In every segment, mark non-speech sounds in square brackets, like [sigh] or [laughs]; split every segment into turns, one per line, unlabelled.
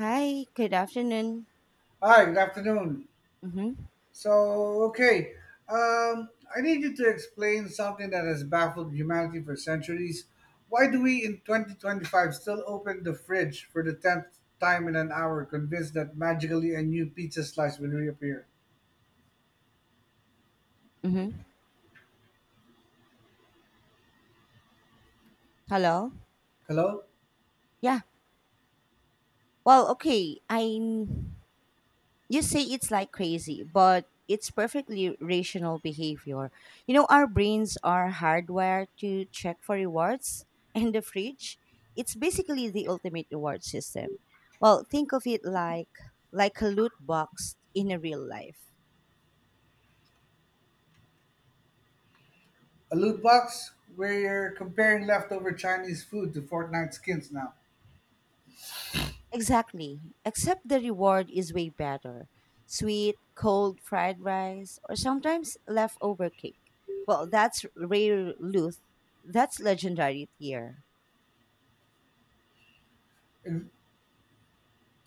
Hi, good afternoon.
Hi, good afternoon.
Mhm.
So, okay, um, I need you to explain something that has baffled humanity for centuries. Why do we in 2025 still open the fridge for the 10th time in an hour, convinced that magically a new pizza slice will reappear?
Mhm. Hello.
Hello?
Yeah. Well, okay. I You say it's like crazy, but it's perfectly rational behavior. You know, our brains are hardwired to check for rewards [laughs] and the fridge. It's basically the ultimate reward system. Well, think of it like a loot box in a real life.
A loot box? We're comparing leftover Chinese food to Fortnite skins now.
Exactly. Except the reward is way better. Sweet, cold fried rice, or sometimes leftover cake. Well, that's rare Luth. That's legendary tier.
And-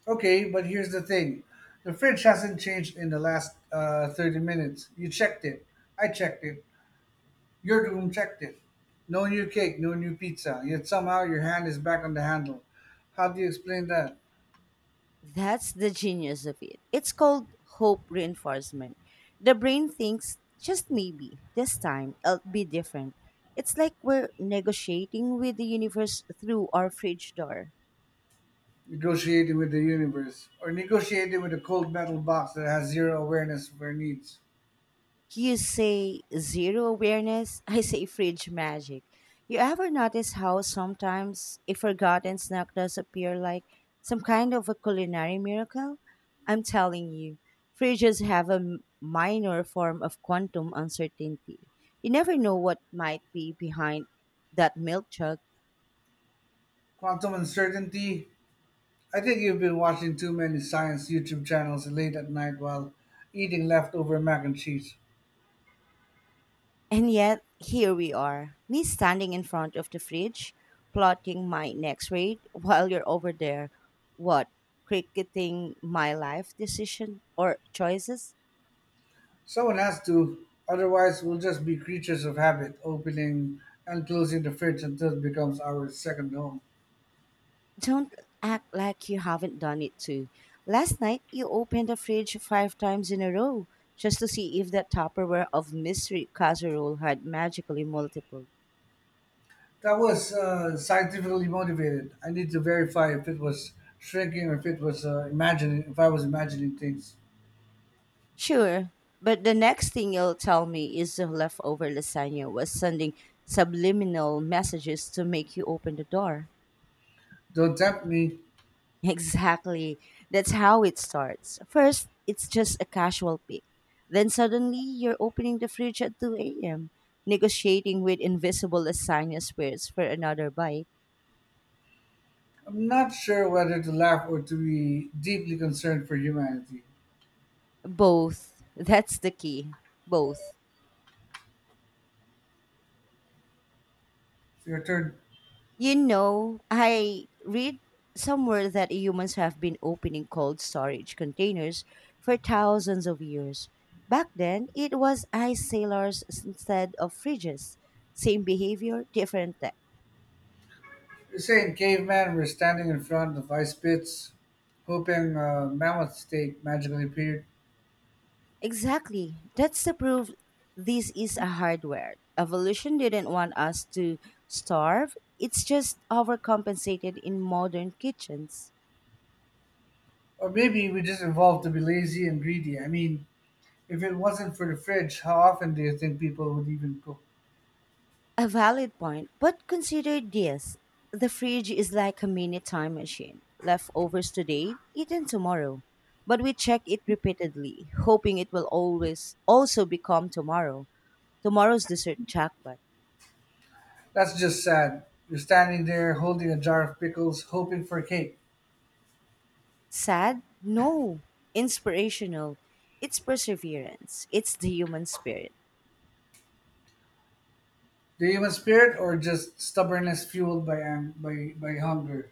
Okay, but here's the thing the fridge hasn't changed in the last 30 minutes. You checked it, I checked it. You're the objective. No new cake, no new pizza, yet somehow your hand is back on the handle. How do you explain that?
That's the genius of it. It's called hope reinforcement. The brain thinks just maybe this time it'll be different. It's like we're negotiating with the universe through our fridge door.
Negotiating with the universe, or negotiating with a cold metal box that has zero awareness of our needs.
You say zero awareness, [laughs] I say fridge magic. You ever notice how sometimes a forgotten snack does appear like some kind of a culinary miracle? I'm telling you, fridges have a minor form of quantum uncertainty. You never know what might be behind that milk jug.
Quantum uncertainty? I think you've been watching too many science YouTube channels late at night while eating leftover mac and cheese.
And yet, here we are, me standing in front of the fridge, plotting my next raid, while you're over there, what, cricketing my life decision or choices?
Someone has to, otherwise, we'll just be creatures of habit, opening and closing the fridge until it becomes our second home.
Don't act like you haven't done it too. Last night, you opened the fridge five times in a row just to see if that Tupperware of mystery casserole had magically multiplied.
That was scientifically motivated. I need to verify if it was shrinking or if I was imagining things.
Sure, but the next thing you'll tell me is the leftover lasagna was sending subliminal messages to make you open the door.
Don't tempt me.
[laughs] Exactly. That's how it starts. First, it's just a casual pick. Then suddenly, you're opening the fridge at 2 a.m., negotiating with invisible lasagna spirits for another bite.
I'm not sure whether to laugh or to be deeply concerned for humanity.
Both. That's the key. Both.
It's your turn.
You know, I read somewhere that humans have been opening cold storage containers for thousands of years. Back then, it was ice sailors instead of fridges. Same behavior, different tech.
You're saying caveman were standing in front of ice pits, hoping mammoth steak magically appeared.
Exactly. That's the proof this is a hardware. Evolution didn't want us to starve, it's just overcompensated in modern kitchens.
Or maybe we just evolved to be lazy and greedy. I mean, if it wasn't for the fridge, how often do you think people would even cook?
A valid point, but consider this. The fridge is like a mini time machine. Leftovers today, eaten tomorrow. But we check it repeatedly, hoping it will always also become tomorrow. Tomorrow's dessert jackpot.
That's just sad. You're standing there holding a jar of pickles, hoping for cake.
Sad? No. Inspirational. It's perseverance. It's the human spirit.
The human spirit, or just stubbornness fueled by ang- by hunger,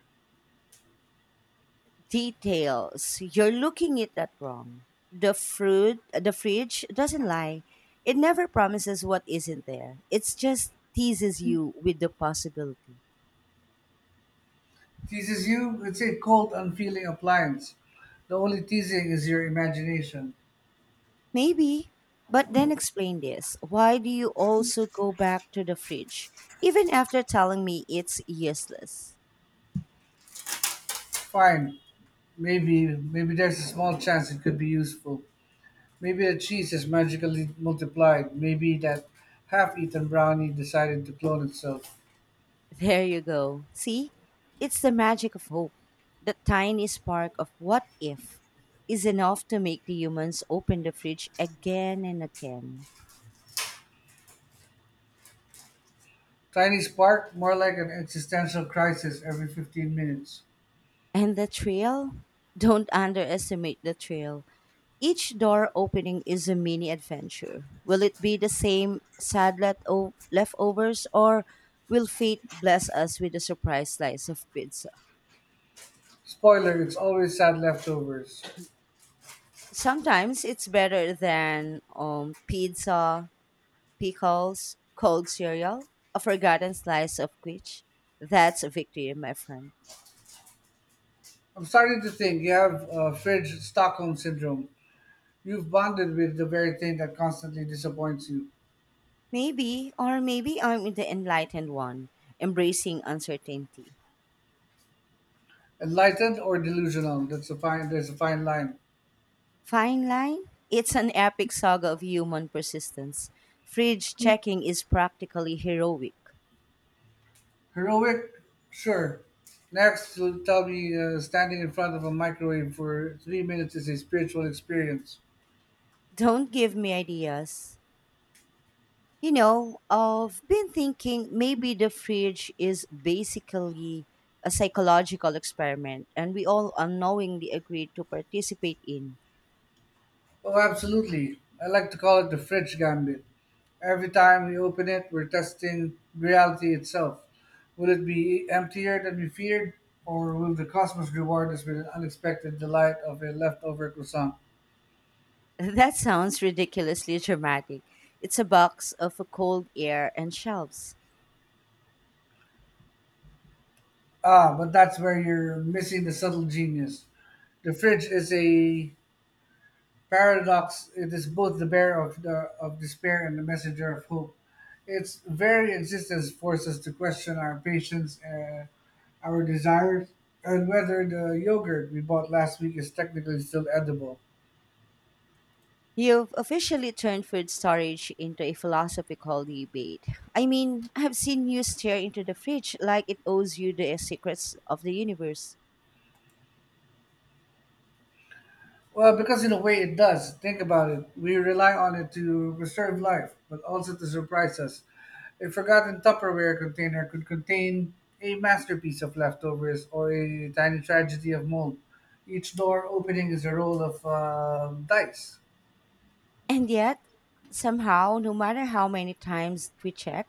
Details. You're looking at that wrong. The fruit, the fridge doesn't lie. It never promises what isn't there. It just teases you with the possibility.
teases you with a cold, unfeeling appliance. The only teasing is your imagination.
Maybe, but then explain this. Why do you also go back to the fridge, even after telling me it's useless?
Fine, maybe maybe there's a small chance it could be useful. Maybe the cheese is magically multiplied. Maybe that half-eaten brownie decided to clone itself.
There you go. See? It's the magic of hope. The tiny spark of what if is enough to make the humans open the fridge again and again.
Tiny spark, more like an existential crisis every 15 minutes.
And the trail? Don't underestimate the trail. Each door opening is a mini adventure. Will it be the same sad leftovers or will fate bless us with a surprise slice of pizza?
Spoiler, it's always sad leftovers.
Sometimes it's better than pizza, pickles, cold cereal, a forgotten slice of quiche. That's a victory, my friend.
I'm starting to think you have fridge Stockholm syndrome. You've bonded with the very thing that constantly disappoints you.
Maybe, or maybe I'm the enlightened one, embracing uncertainty.
Enlightened or delusional? That's a fine. There's a fine line.
Fine line? It's an epic saga of human persistence. Fridge checking is practically heroic.
Heroic, sure. Next, you'll tell me standing in front of a microwave for 3 minutes is a spiritual experience.
Don't give me ideas. You know, I've been thinking maybe the fridge is basically a psychological experiment and we all unknowingly agreed to participate in.
Oh, absolutely. I like to call it the fridge gambit. Every time we open it, we're testing reality itself. Will it be emptier than we feared, or will the cosmos reward us with an unexpected delight of a leftover croissant?
[laughs] That sounds ridiculously dramatic. It's a box of cold air and shelves.
Ah, but that's where you're missing the subtle genius. The fridge is a paradox, it is both the bearer of despair and the messenger of hope. Its very existence forces us to question our patience and our desires and whether the yogurt we bought last week is technically still edible.
You've officially turned food storage into a philosophical debate. I mean, I've seen you stare into the fridge like it owes you the secrets of the universe.
Well, because in a way it does. Think about it. We rely on it to preserve life, but also to surprise us. A forgotten Tupperware container could contain a masterpiece of leftovers or a tiny tragedy of mold. Each door opening is a roll of dice.
And yet, somehow, no matter how many times we check,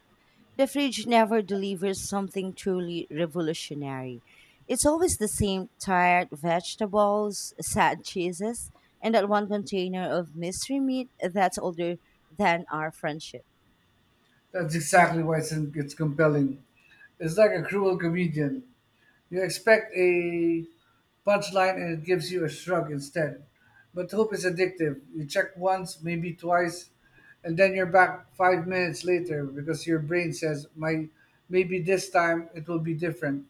the fridge never delivers something truly revolutionary. It's always the same tired vegetables, sad cheeses, and that one container of mystery meat that's older than our friendship.
That's exactly why it's compelling. It's like a cruel comedian. You expect a punchline and it gives you a shrug instead. But hope is addictive. You check once, maybe twice, and then you're back 5 minutes later because your brain says, "Maybe this time it will be different."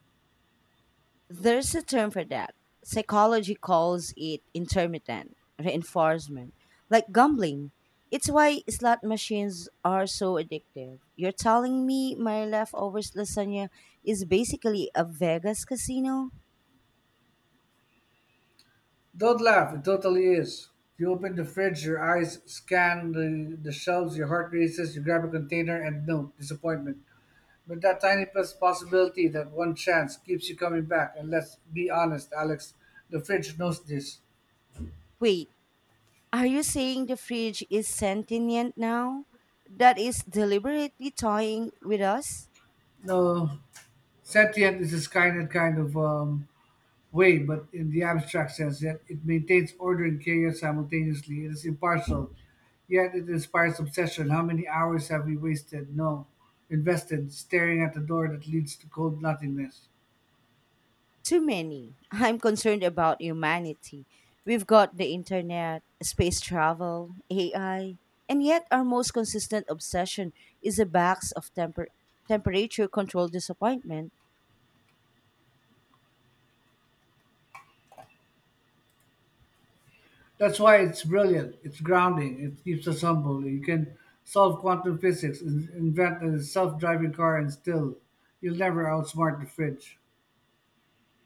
There's a term for that. Psychology calls it intermittent reinforcement, like gambling. It's why slot machines are so addictive. You're telling me my leftovers lasagna is basically a Vegas casino?
Don't laugh. It totally is. You open the fridge, your eyes scan the shelves, your heart races, you grab a container, and no, disappointment. But that tiny plus possibility, that one chance, keeps you coming back. And let's be honest, Alex, the fridge knows this.
Wait, are you saying the fridge is sentient now? That is deliberately toying with us?
No, sentient is this kind of way, but in the abstract sense, yet it maintains order and chaos simultaneously. It is impartial, yet it inspires obsession. How many hours have we wasted? No, invested, staring at the door that leads to cold nothingness.
Too many. [laughs] I'm concerned about humanity. We've got the internet, space travel, AI, and yet our most consistent obsession is a box of temperature control disappointment.
That's why it's brilliant. It's grounding. It keeps us humble. You can solve quantum physics, invent a self-driving car, and still, you'll never outsmart the fridge.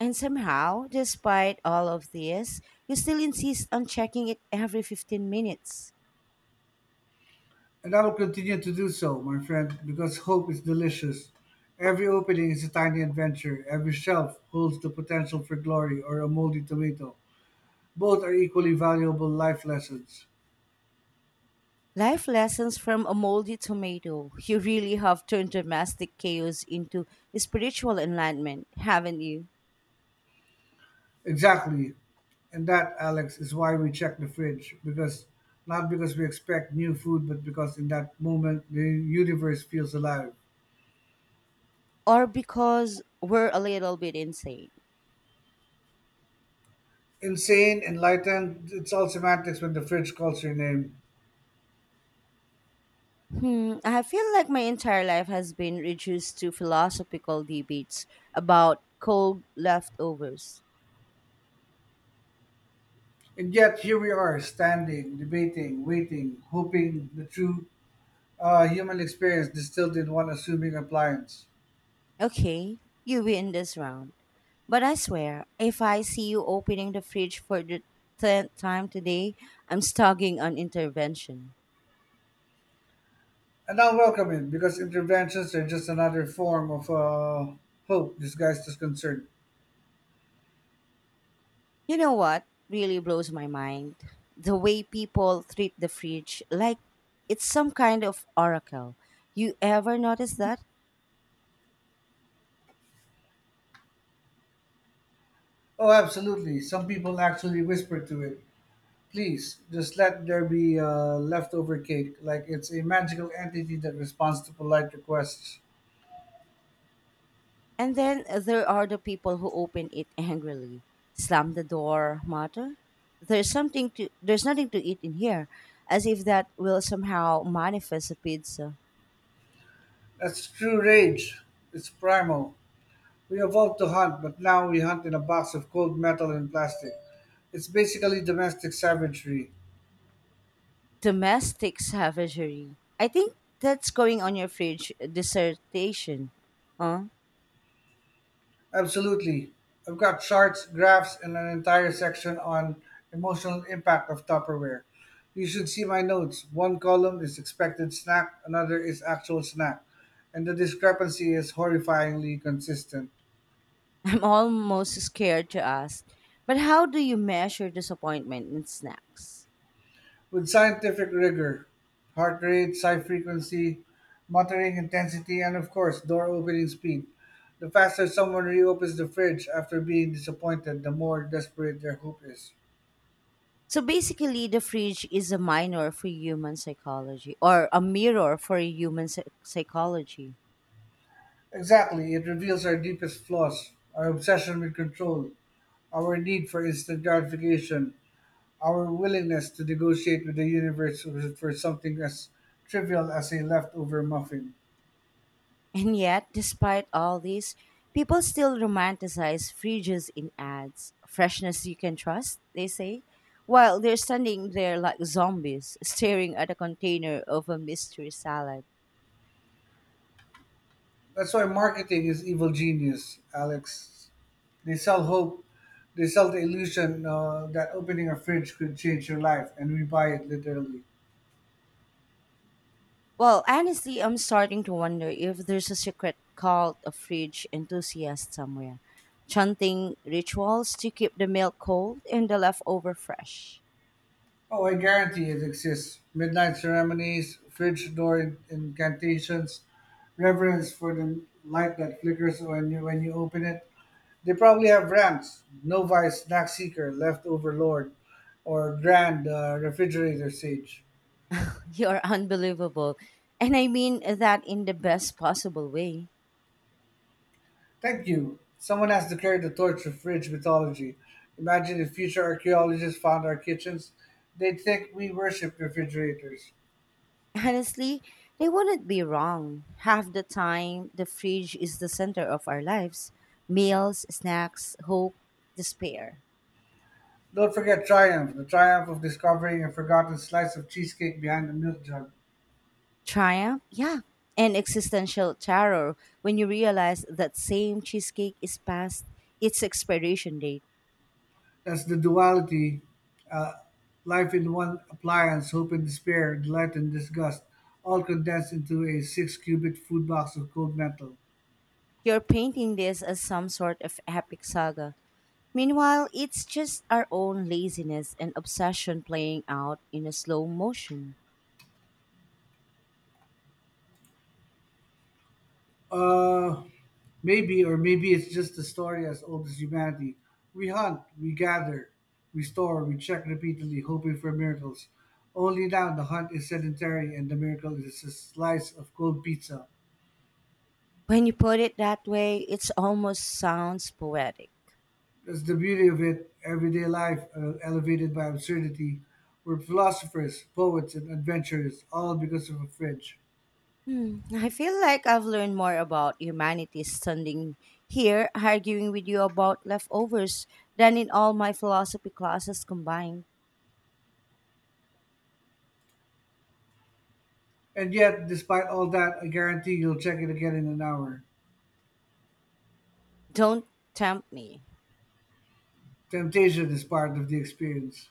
And somehow, despite all of this, you still insist on checking it every 15 minutes.
And I will continue to do so, my friend, because hope is delicious. Every opening is a tiny adventure. Every shelf holds the potential for glory or a moldy tomato. Both are equally valuable life lessons.
Life lessons from a moldy tomato. You really have turned domestic chaos into spiritual enlightenment, haven't you?
Exactly. And that, Alex, is why we check the fridge. Because not because we expect new food, but because in that moment the universe feels alive.
Or because we're a little bit insane.
Insane, enlightened, it's all semantics when the fridge calls your name.
Hmm, I feel like my entire life has been reduced to philosophical debates about cold leftovers.
And yet here we are, standing, debating, waiting, hoping the true human experience distilled in one assuming appliance.
Okay, you win this round. But I swear, if I see you opening the fridge for the tenth time today, I'm stalking on intervention.
And I welcome it because interventions are just another form of hope disguised as concern.
You know what really blows my mind? The way people treat the fridge like it's some kind of oracle. You ever notice that?
Oh, absolutely. Some people actually whisper to it, please, just let there be leftover cake, like it's a magical entity that responds to polite requests.
And then there are the people who open it angrily, slam the door, mutter, "There's something to there's nothing to eat in here," as if that will somehow manifest a pizza.
That's true rage. It's primal. We evolved to hunt, but now we hunt in a box of cold metal and plastic. It's basically domestic savagery.
Domestic savagery. I think that's going on your fridge dissertation, huh?
Absolutely. I've got charts, graphs, and an entire section on emotional impact of Tupperware. You should see my notes. One column is expected snack, another is actual snack, and the discrepancy is horrifyingly consistent.
[laughs] I'm almost scared to ask. But how do you measure disappointment in snacks?
With scientific rigor heart rate, psi frequency, muttering intensity, and of course, door opening speed. The faster someone reopens the fridge after being disappointed, the more desperate their hope is.
So basically, the fridge is a minor for human psychology or a mirror for human psychology.
Exactly, it reveals our deepest flaws our obsession with control, our need for instant gratification, our willingness to negotiate with the universe for something as trivial as a leftover muffin.
And yet, despite all this, people still romanticize fridges in ads. Freshness you can trust, they say, while they're standing there like zombies, staring at a container of a mystery salad.
That's why marketing is evil genius, Alex. They sell hope. They sell the illusion that opening a fridge could change your life, and we buy it literally.
Well, honestly, I'm starting to wonder if there's a secret cult of fridge enthusiasts somewhere, chanting rituals to keep the milk cold and the leftover fresh.
Oh, I guarantee it exists. Midnight ceremonies, fridge door incantations, reverence for the light that flickers when you open it. They probably have rants, novice snack seeker, leftover lord, or grand refrigerator sage.
[laughs] You're unbelievable. And I mean that in the best possible way.
Thank you. Someone has declared the torch of fridge mythology. Imagine if future archaeologists found our kitchens. They'd think we worship refrigerators.
Honestly, they wouldn't be wrong. Half the time, the fridge is the center of our lives meals, snacks, hope, despair.
Don't forget triumph, the triumph of discovering a forgotten slice of cheesecake behind the milk jug.
Triumph, yeah, and existential terror when you realize that same cheesecake is past its expiration date.
That's the duality. Uh, life in one appliance, hope and despair, delight and disgust, all condensed into a six cubit food box of cold metal.
You're painting this as some sort of epic saga. Meanwhile, it's just our own laziness and obsession playing out in a slow motion.
Uh, maybe, or maybe it's just the story as old as humanity. We hunt, we gather, we store, we check repeatedly, hoping for miracles. Only now the hunt is sedentary and the miracle is a slice of cold pizza.
When you put it that way, it almost sounds poetic.
That's the beauty of it. Everyday life elevated by absurdity. We're philosophers, poets, and adventurers, all because of a fridge.
Hmm. I feel like I've learned more about humanity standing here arguing with you about leftovers than in all my philosophy classes combined.
And yet, despite all that, I guarantee you'll check it again in an hour.
Don't tempt me.
Temptation is part of the experience.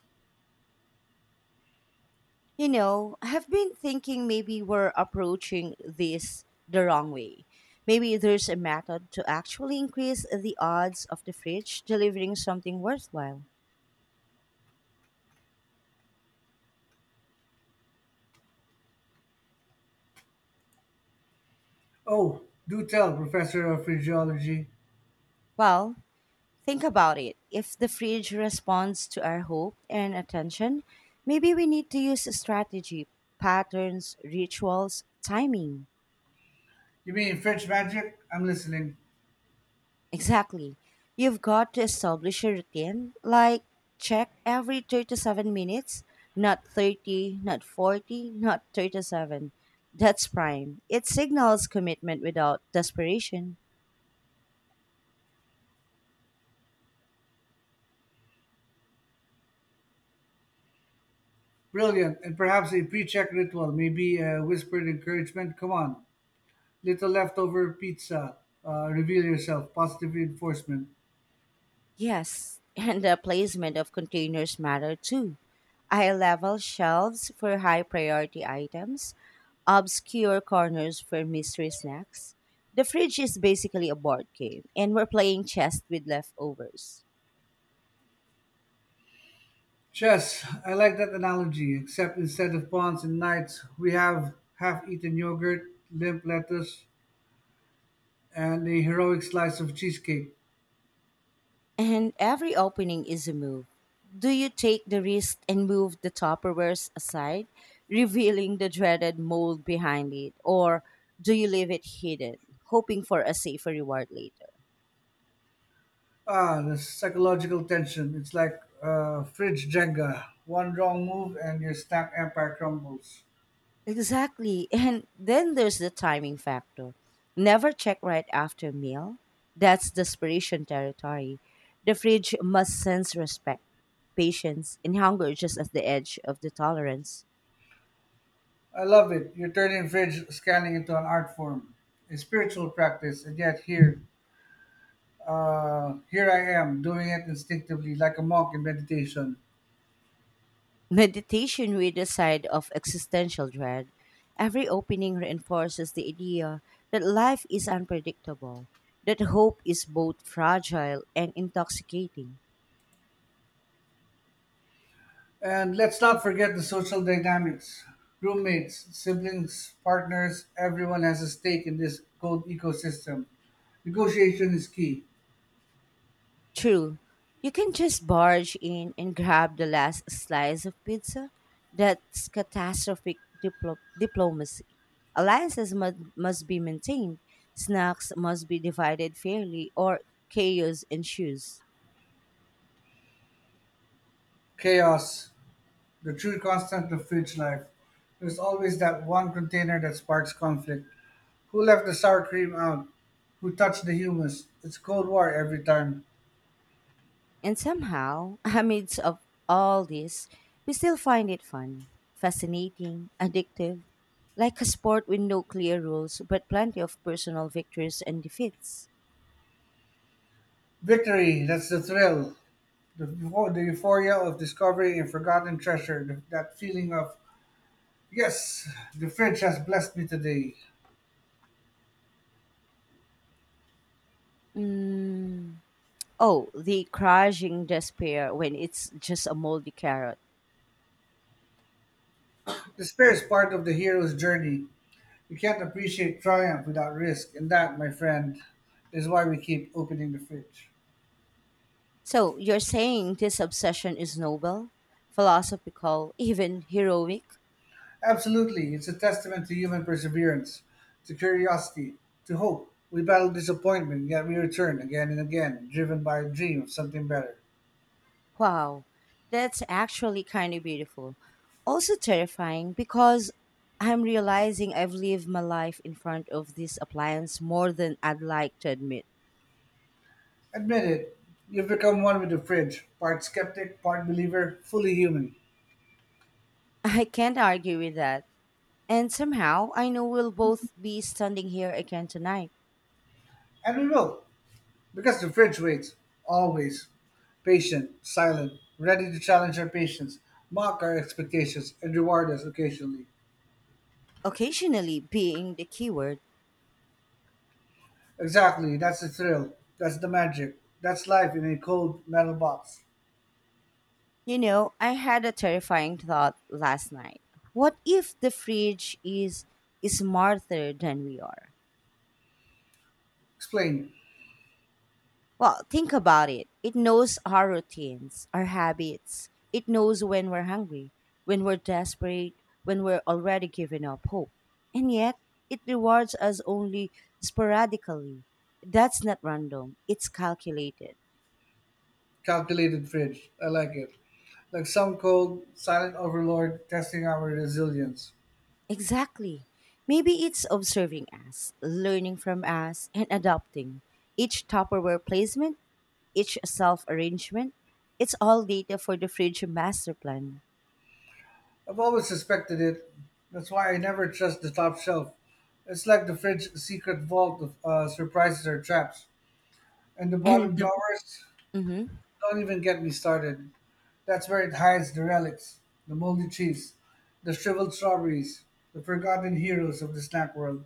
You know, I have been thinking maybe we're approaching this the wrong way. Maybe there's a method to actually increase the odds of the fridge delivering something worthwhile.
Oh, do tell, Professor of Phrenology.
Well, think about it. If the fridge responds to our hope and attention, maybe we need to use a strategy, patterns, rituals, timing. [laughs]
You mean French magic? I'm listening.
Exactly. You've got to establish a routine, like check every 37 minutes, not 30, not 40, not 37. That's prime. It signals commitment without desperation.
Brilliant, and perhaps a pre check ritual, maybe a whispered encouragement. Come on, little leftover pizza. Reveal yourself, positive reinforcement.
Yes, [laughs] and the placement of containers matter too. I level shelves for high priority items, obscure corners for mystery snacks. The fridge is basically a board game, and we're playing chess with leftovers.
Chess, I like that analogy, except instead of pawns and knights, we have half eaten yogurt, limp lettuce, and a heroic slice of cheesecake.
And every opening is a move. Do you take the risk and move the Tupperwares aside, revealing the dreaded mold behind it? Or do you leave it hidden, hoping for a safer reward later?
Ah, the psychological tension. It's like fridge Jenga. One wrong move and your snack empire crumbles.
Exactly. And then there's the timing factor. Never check right after a meal. That's desperation territory. The fridge must sense respect, patience, and hunger just at the edge of the tolerance.
I love it. You're turning fridge scanning into an art form, a spiritual practice, and yet here I am doing it instinctively like a monk in meditation.
Meditation with a side of existential dread. Every opening reinforces the idea that life is unpredictable, that hope is both fragile and intoxicating.
And let's not forget the social dynamics. Roommates, siblings, partners, everyone has a stake in this cold ecosystem. Negotiation is key.
True. You can just barge in and grab the last slice of pizza. That's catastrophic diplomacy. Alliances must be maintained, snacks must be divided fairly, or chaos ensues.
Chaos, the true constant of fridge life. There's always that one container that sparks conflict. Who left the sour cream out? Who touched the hummus? It's Cold War every time.
And somehow, [laughs] amidst of all this, we still find it fun, fascinating, addictive, like a sport with no clear rules but plenty of personal victories and defeats.
Victory, that's the thrill. The euphoria of discovering a forgotten treasure. That feeling of, yes, the fridge has blessed me today.
Mm. Oh, the crushing despair when it's just a moldy carrot.
Despair is part of the hero's journey. You can't appreciate triumph without risk. And that, my friend, is why we keep opening the fridge.
So you're saying this obsession is noble, philosophical, even heroic?
Absolutely. It's a testament to human perseverance, to curiosity, to hope. We battle disappointment, yet we return again and again, driven by a dream of something better.
Wow, that's actually kind of beautiful. Also terrifying because I'm realizing I've lived my life in front of this appliance more than I'd like to admit.
Admit it, you've become one with the fridge, part skeptic, part believer, fully human.
[laughs] I can't argue with that. And somehow I know we'll both be standing here again tonight,
And we will, because the fridge waits, always, patient, silent, ready to challenge our patience, mock our expectations, and reward us occasionally.
occasionally being the keyword.
Exactly, that's the thrill, that's the magic, that's life in a cold metal box.
You know, I had a terrifying thought last night. What if the fridge is smarter than we are?
Explain.
Well, think about it. It knows our routines, our habits. It knows when we're hungry, when we're desperate, when we're already giving up hope. And yet, it rewards us only sporadically. That's not random, it's calculated.
Calculated fridge. I like it. Like some cold, silent overlord testing our resilience.
Exactly. Maybe it's observing us, learning from us, and adopting. Each Tupperware placement, each self arrangement, it's all data for the fridge master plan.
I've always suspected it. That's why I never trust the top shelf. It's like the fridge's secret vault of surprises or traps. And the bottom
And the
drawers?
mhm,
Don't even get me started. That's where it hides the relics, the moldy cheese, the shriveled strawberries, the forgotten heroes of the snack world.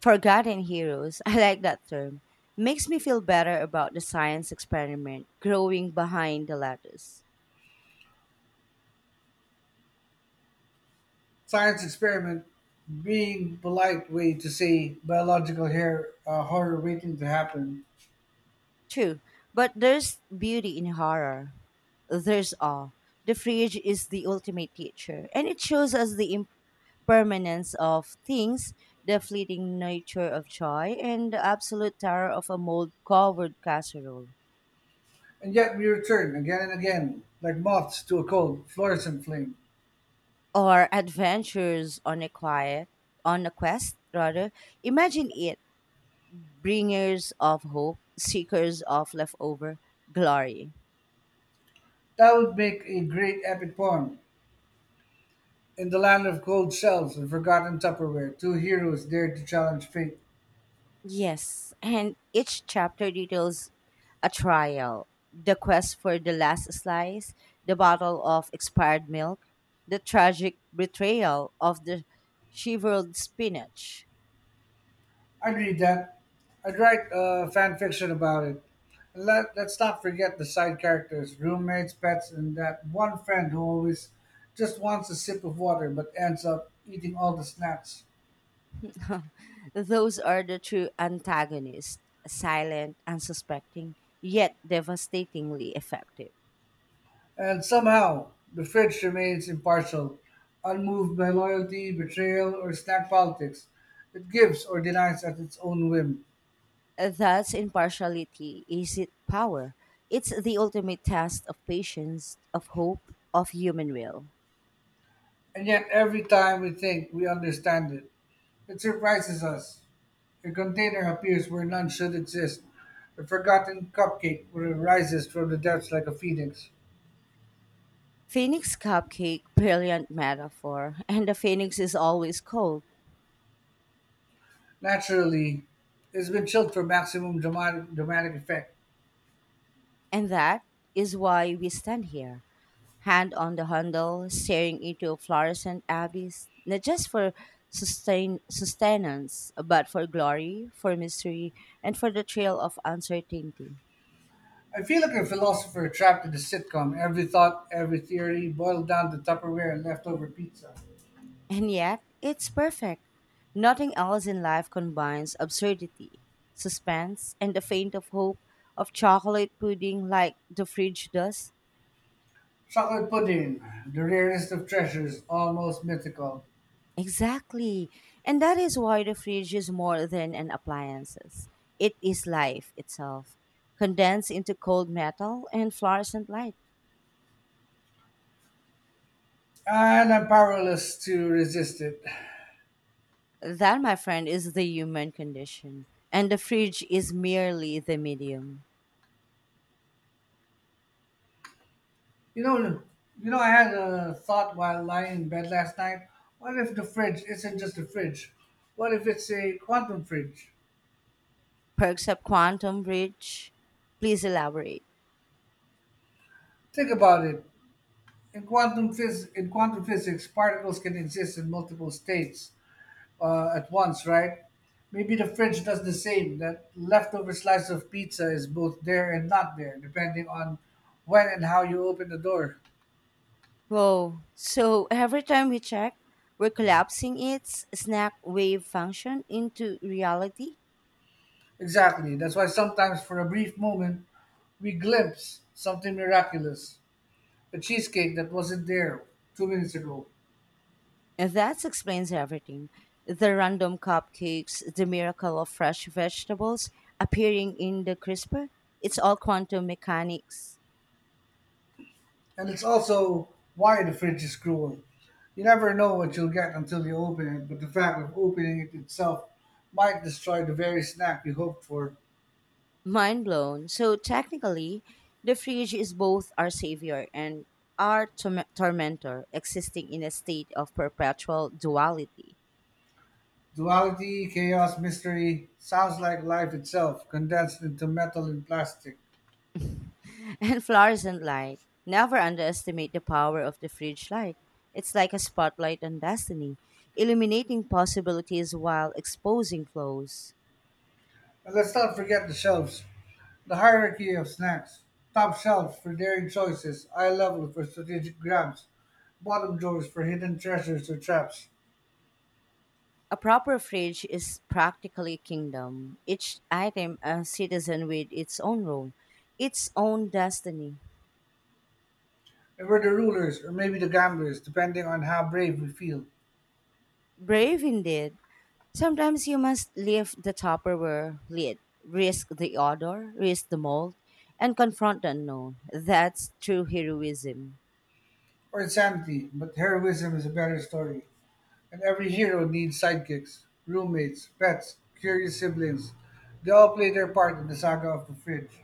forgotten heroes, [laughs] I like that term, makes me feel better about the science experiment growing behind the lettuce.
Science experiment being polite way to say biological hair horror waiting to happen.
True, but there's beauty in horror. There's awe. The fridge is the ultimate teacher, and it shows us the permanence of things, the fleeting nature of joy, and the absolute terror of a mold covered casserole.
And yet we return again and again, like moths to a cold, fluorescent flame.
Or adventures on a quiet, on a quest, rather. Imagine it bringers of hope, seekers of leftover glory.
That would make a great epic poem. In the land of cold shelves and forgotten Tupperware, two heroes dare to challenge fate.
Yes, and each chapter details a trial, the quest for the last slice, the bottle of expired milk, the tragic betrayal of the shivered spinach.
I'd read that. I'd write fan fiction about it. And let's not forget the side characters, roommates, pets, and that one friend who always just wants a sip of water but ends up eating all the snacks.
[laughs] Those are the true antagonists, silent, unsuspecting, yet devastatingly effective.
And somehow, the fridge remains impartial, unmoved by loyalty, betrayal, or snack politics. It gives or denies at its own whim.
Thus, impartiality is it power. It's the ultimate test of patience, of hope, of human will.
And yet, every time we think we understand it, it surprises us. A container appears where none should exist. The forgotten cupcake rises from the depths like a phoenix.
Phoenix cupcake, brilliant metaphor. And the phoenix is always cold.
Naturally, it's been chilled for maximum dramatic effect.
And that is why we stand here, hand on the handle, staring into a fluorescent abyss, not just for sustenance, but for glory, for mystery, and for the thrill of uncertainty.
I feel like a philosopher trapped in a sitcom. Every thought, every theory boiled down to Tupperware and leftover pizza.
And yet, it's perfect. Nothing else in life combines absurdity, suspense, and the faint of hope of chocolate pudding like the fridge does.
Chocolate pudding, the rarest of treasures, almost mythical.
Exactly. And that is why the fridge is more than an appliances. It is life itself, condensed into cold metal and fluorescent light.
And I'm powerless to resist it. [laughs]
That, my friend, is the human condition. And the fridge is merely the medium.
You know, you know, I had a thought while lying in bed last night. What if the fridge isn't just a fridge? What if it's a quantum fridge?
Perks up quantum bridge. Please elaborate.
Think about it. In quantum physics, particles can exist in multiple states at once, right? Maybe the fridge does the same. That leftover slice of pizza is both there and not there, depending on when and how you open the door.
Whoa. So every time we check, we're collapsing its snack wave function into reality?
Exactly. That's why sometimes, for a brief moment, we glimpse something miraculous, a cheesecake that wasn't there 2 minutes ago.
That explains everything. The random cupcakes, the miracle of fresh vegetables appearing in the crisper, it's all quantum mechanics.
And it's also why the fridge is cruel. You never know what you'll get until you open it, but the fact of opening it itself might destroy the very snack you hoped for.
Mind blown. So technically, the fridge is both our savior and our tormentor, existing in a state of perpetual duality.
Duality, chaos, mystery sounds like life itself, condensed into metal and plastic.
[laughs] And fluorescent light. Never underestimate the power of the fridge light. It's like a spotlight on destiny, illuminating possibilities while exposing flaws.
And let's not forget the shelves, the hierarchy of snacks. Top shelf for daring choices, eye level for strategic grabs, bottom drawers for hidden treasures or traps.
A proper fridge is practically a kingdom, each item a citizen with its own role, its own destiny.
We were the rulers, or maybe the gamblers, depending on how brave we feel.
Brave indeed. Sometimes you must lift the Tupperware lid, risk the odor, risk the mold, and confront the unknown. That's true heroism.
Or insanity, but heroism is a better story. And every hero needs sidekicks, roommates, pets, curious siblings. They all play their part in the saga of the fridge.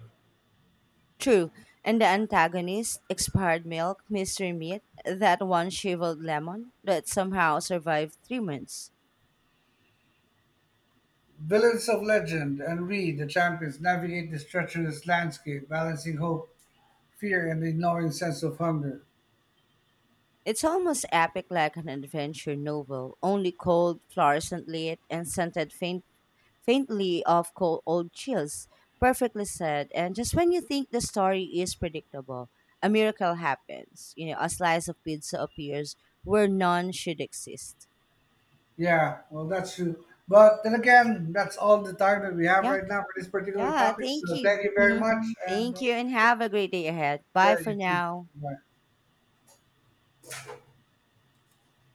True, and the antagonist, expired milk, mystery meat, that one shriveled lemon that somehow survived 3 months.
Villains of legend and we, the champions, navigate this treacherous landscape, balancing hope, fear, and the gnawing sense of hunger.
It's almost epic like an adventure novel, only cold, fluorescent lit, and scented faintly of cold old chills. Perfectly said. And just when you think the story is predictable, a miracle happens. You know, a slice of pizza appears where none should exist.
Yeah, well, that's true. But then again, that's all the time that we have
Yeah.
right now for this particular
Yeah.
topic. So
Thank you.
thank you very
Hmm.
much, and
Thank you and have a great day ahead. Bye
Yeah, you
for
too.
now.
Bye.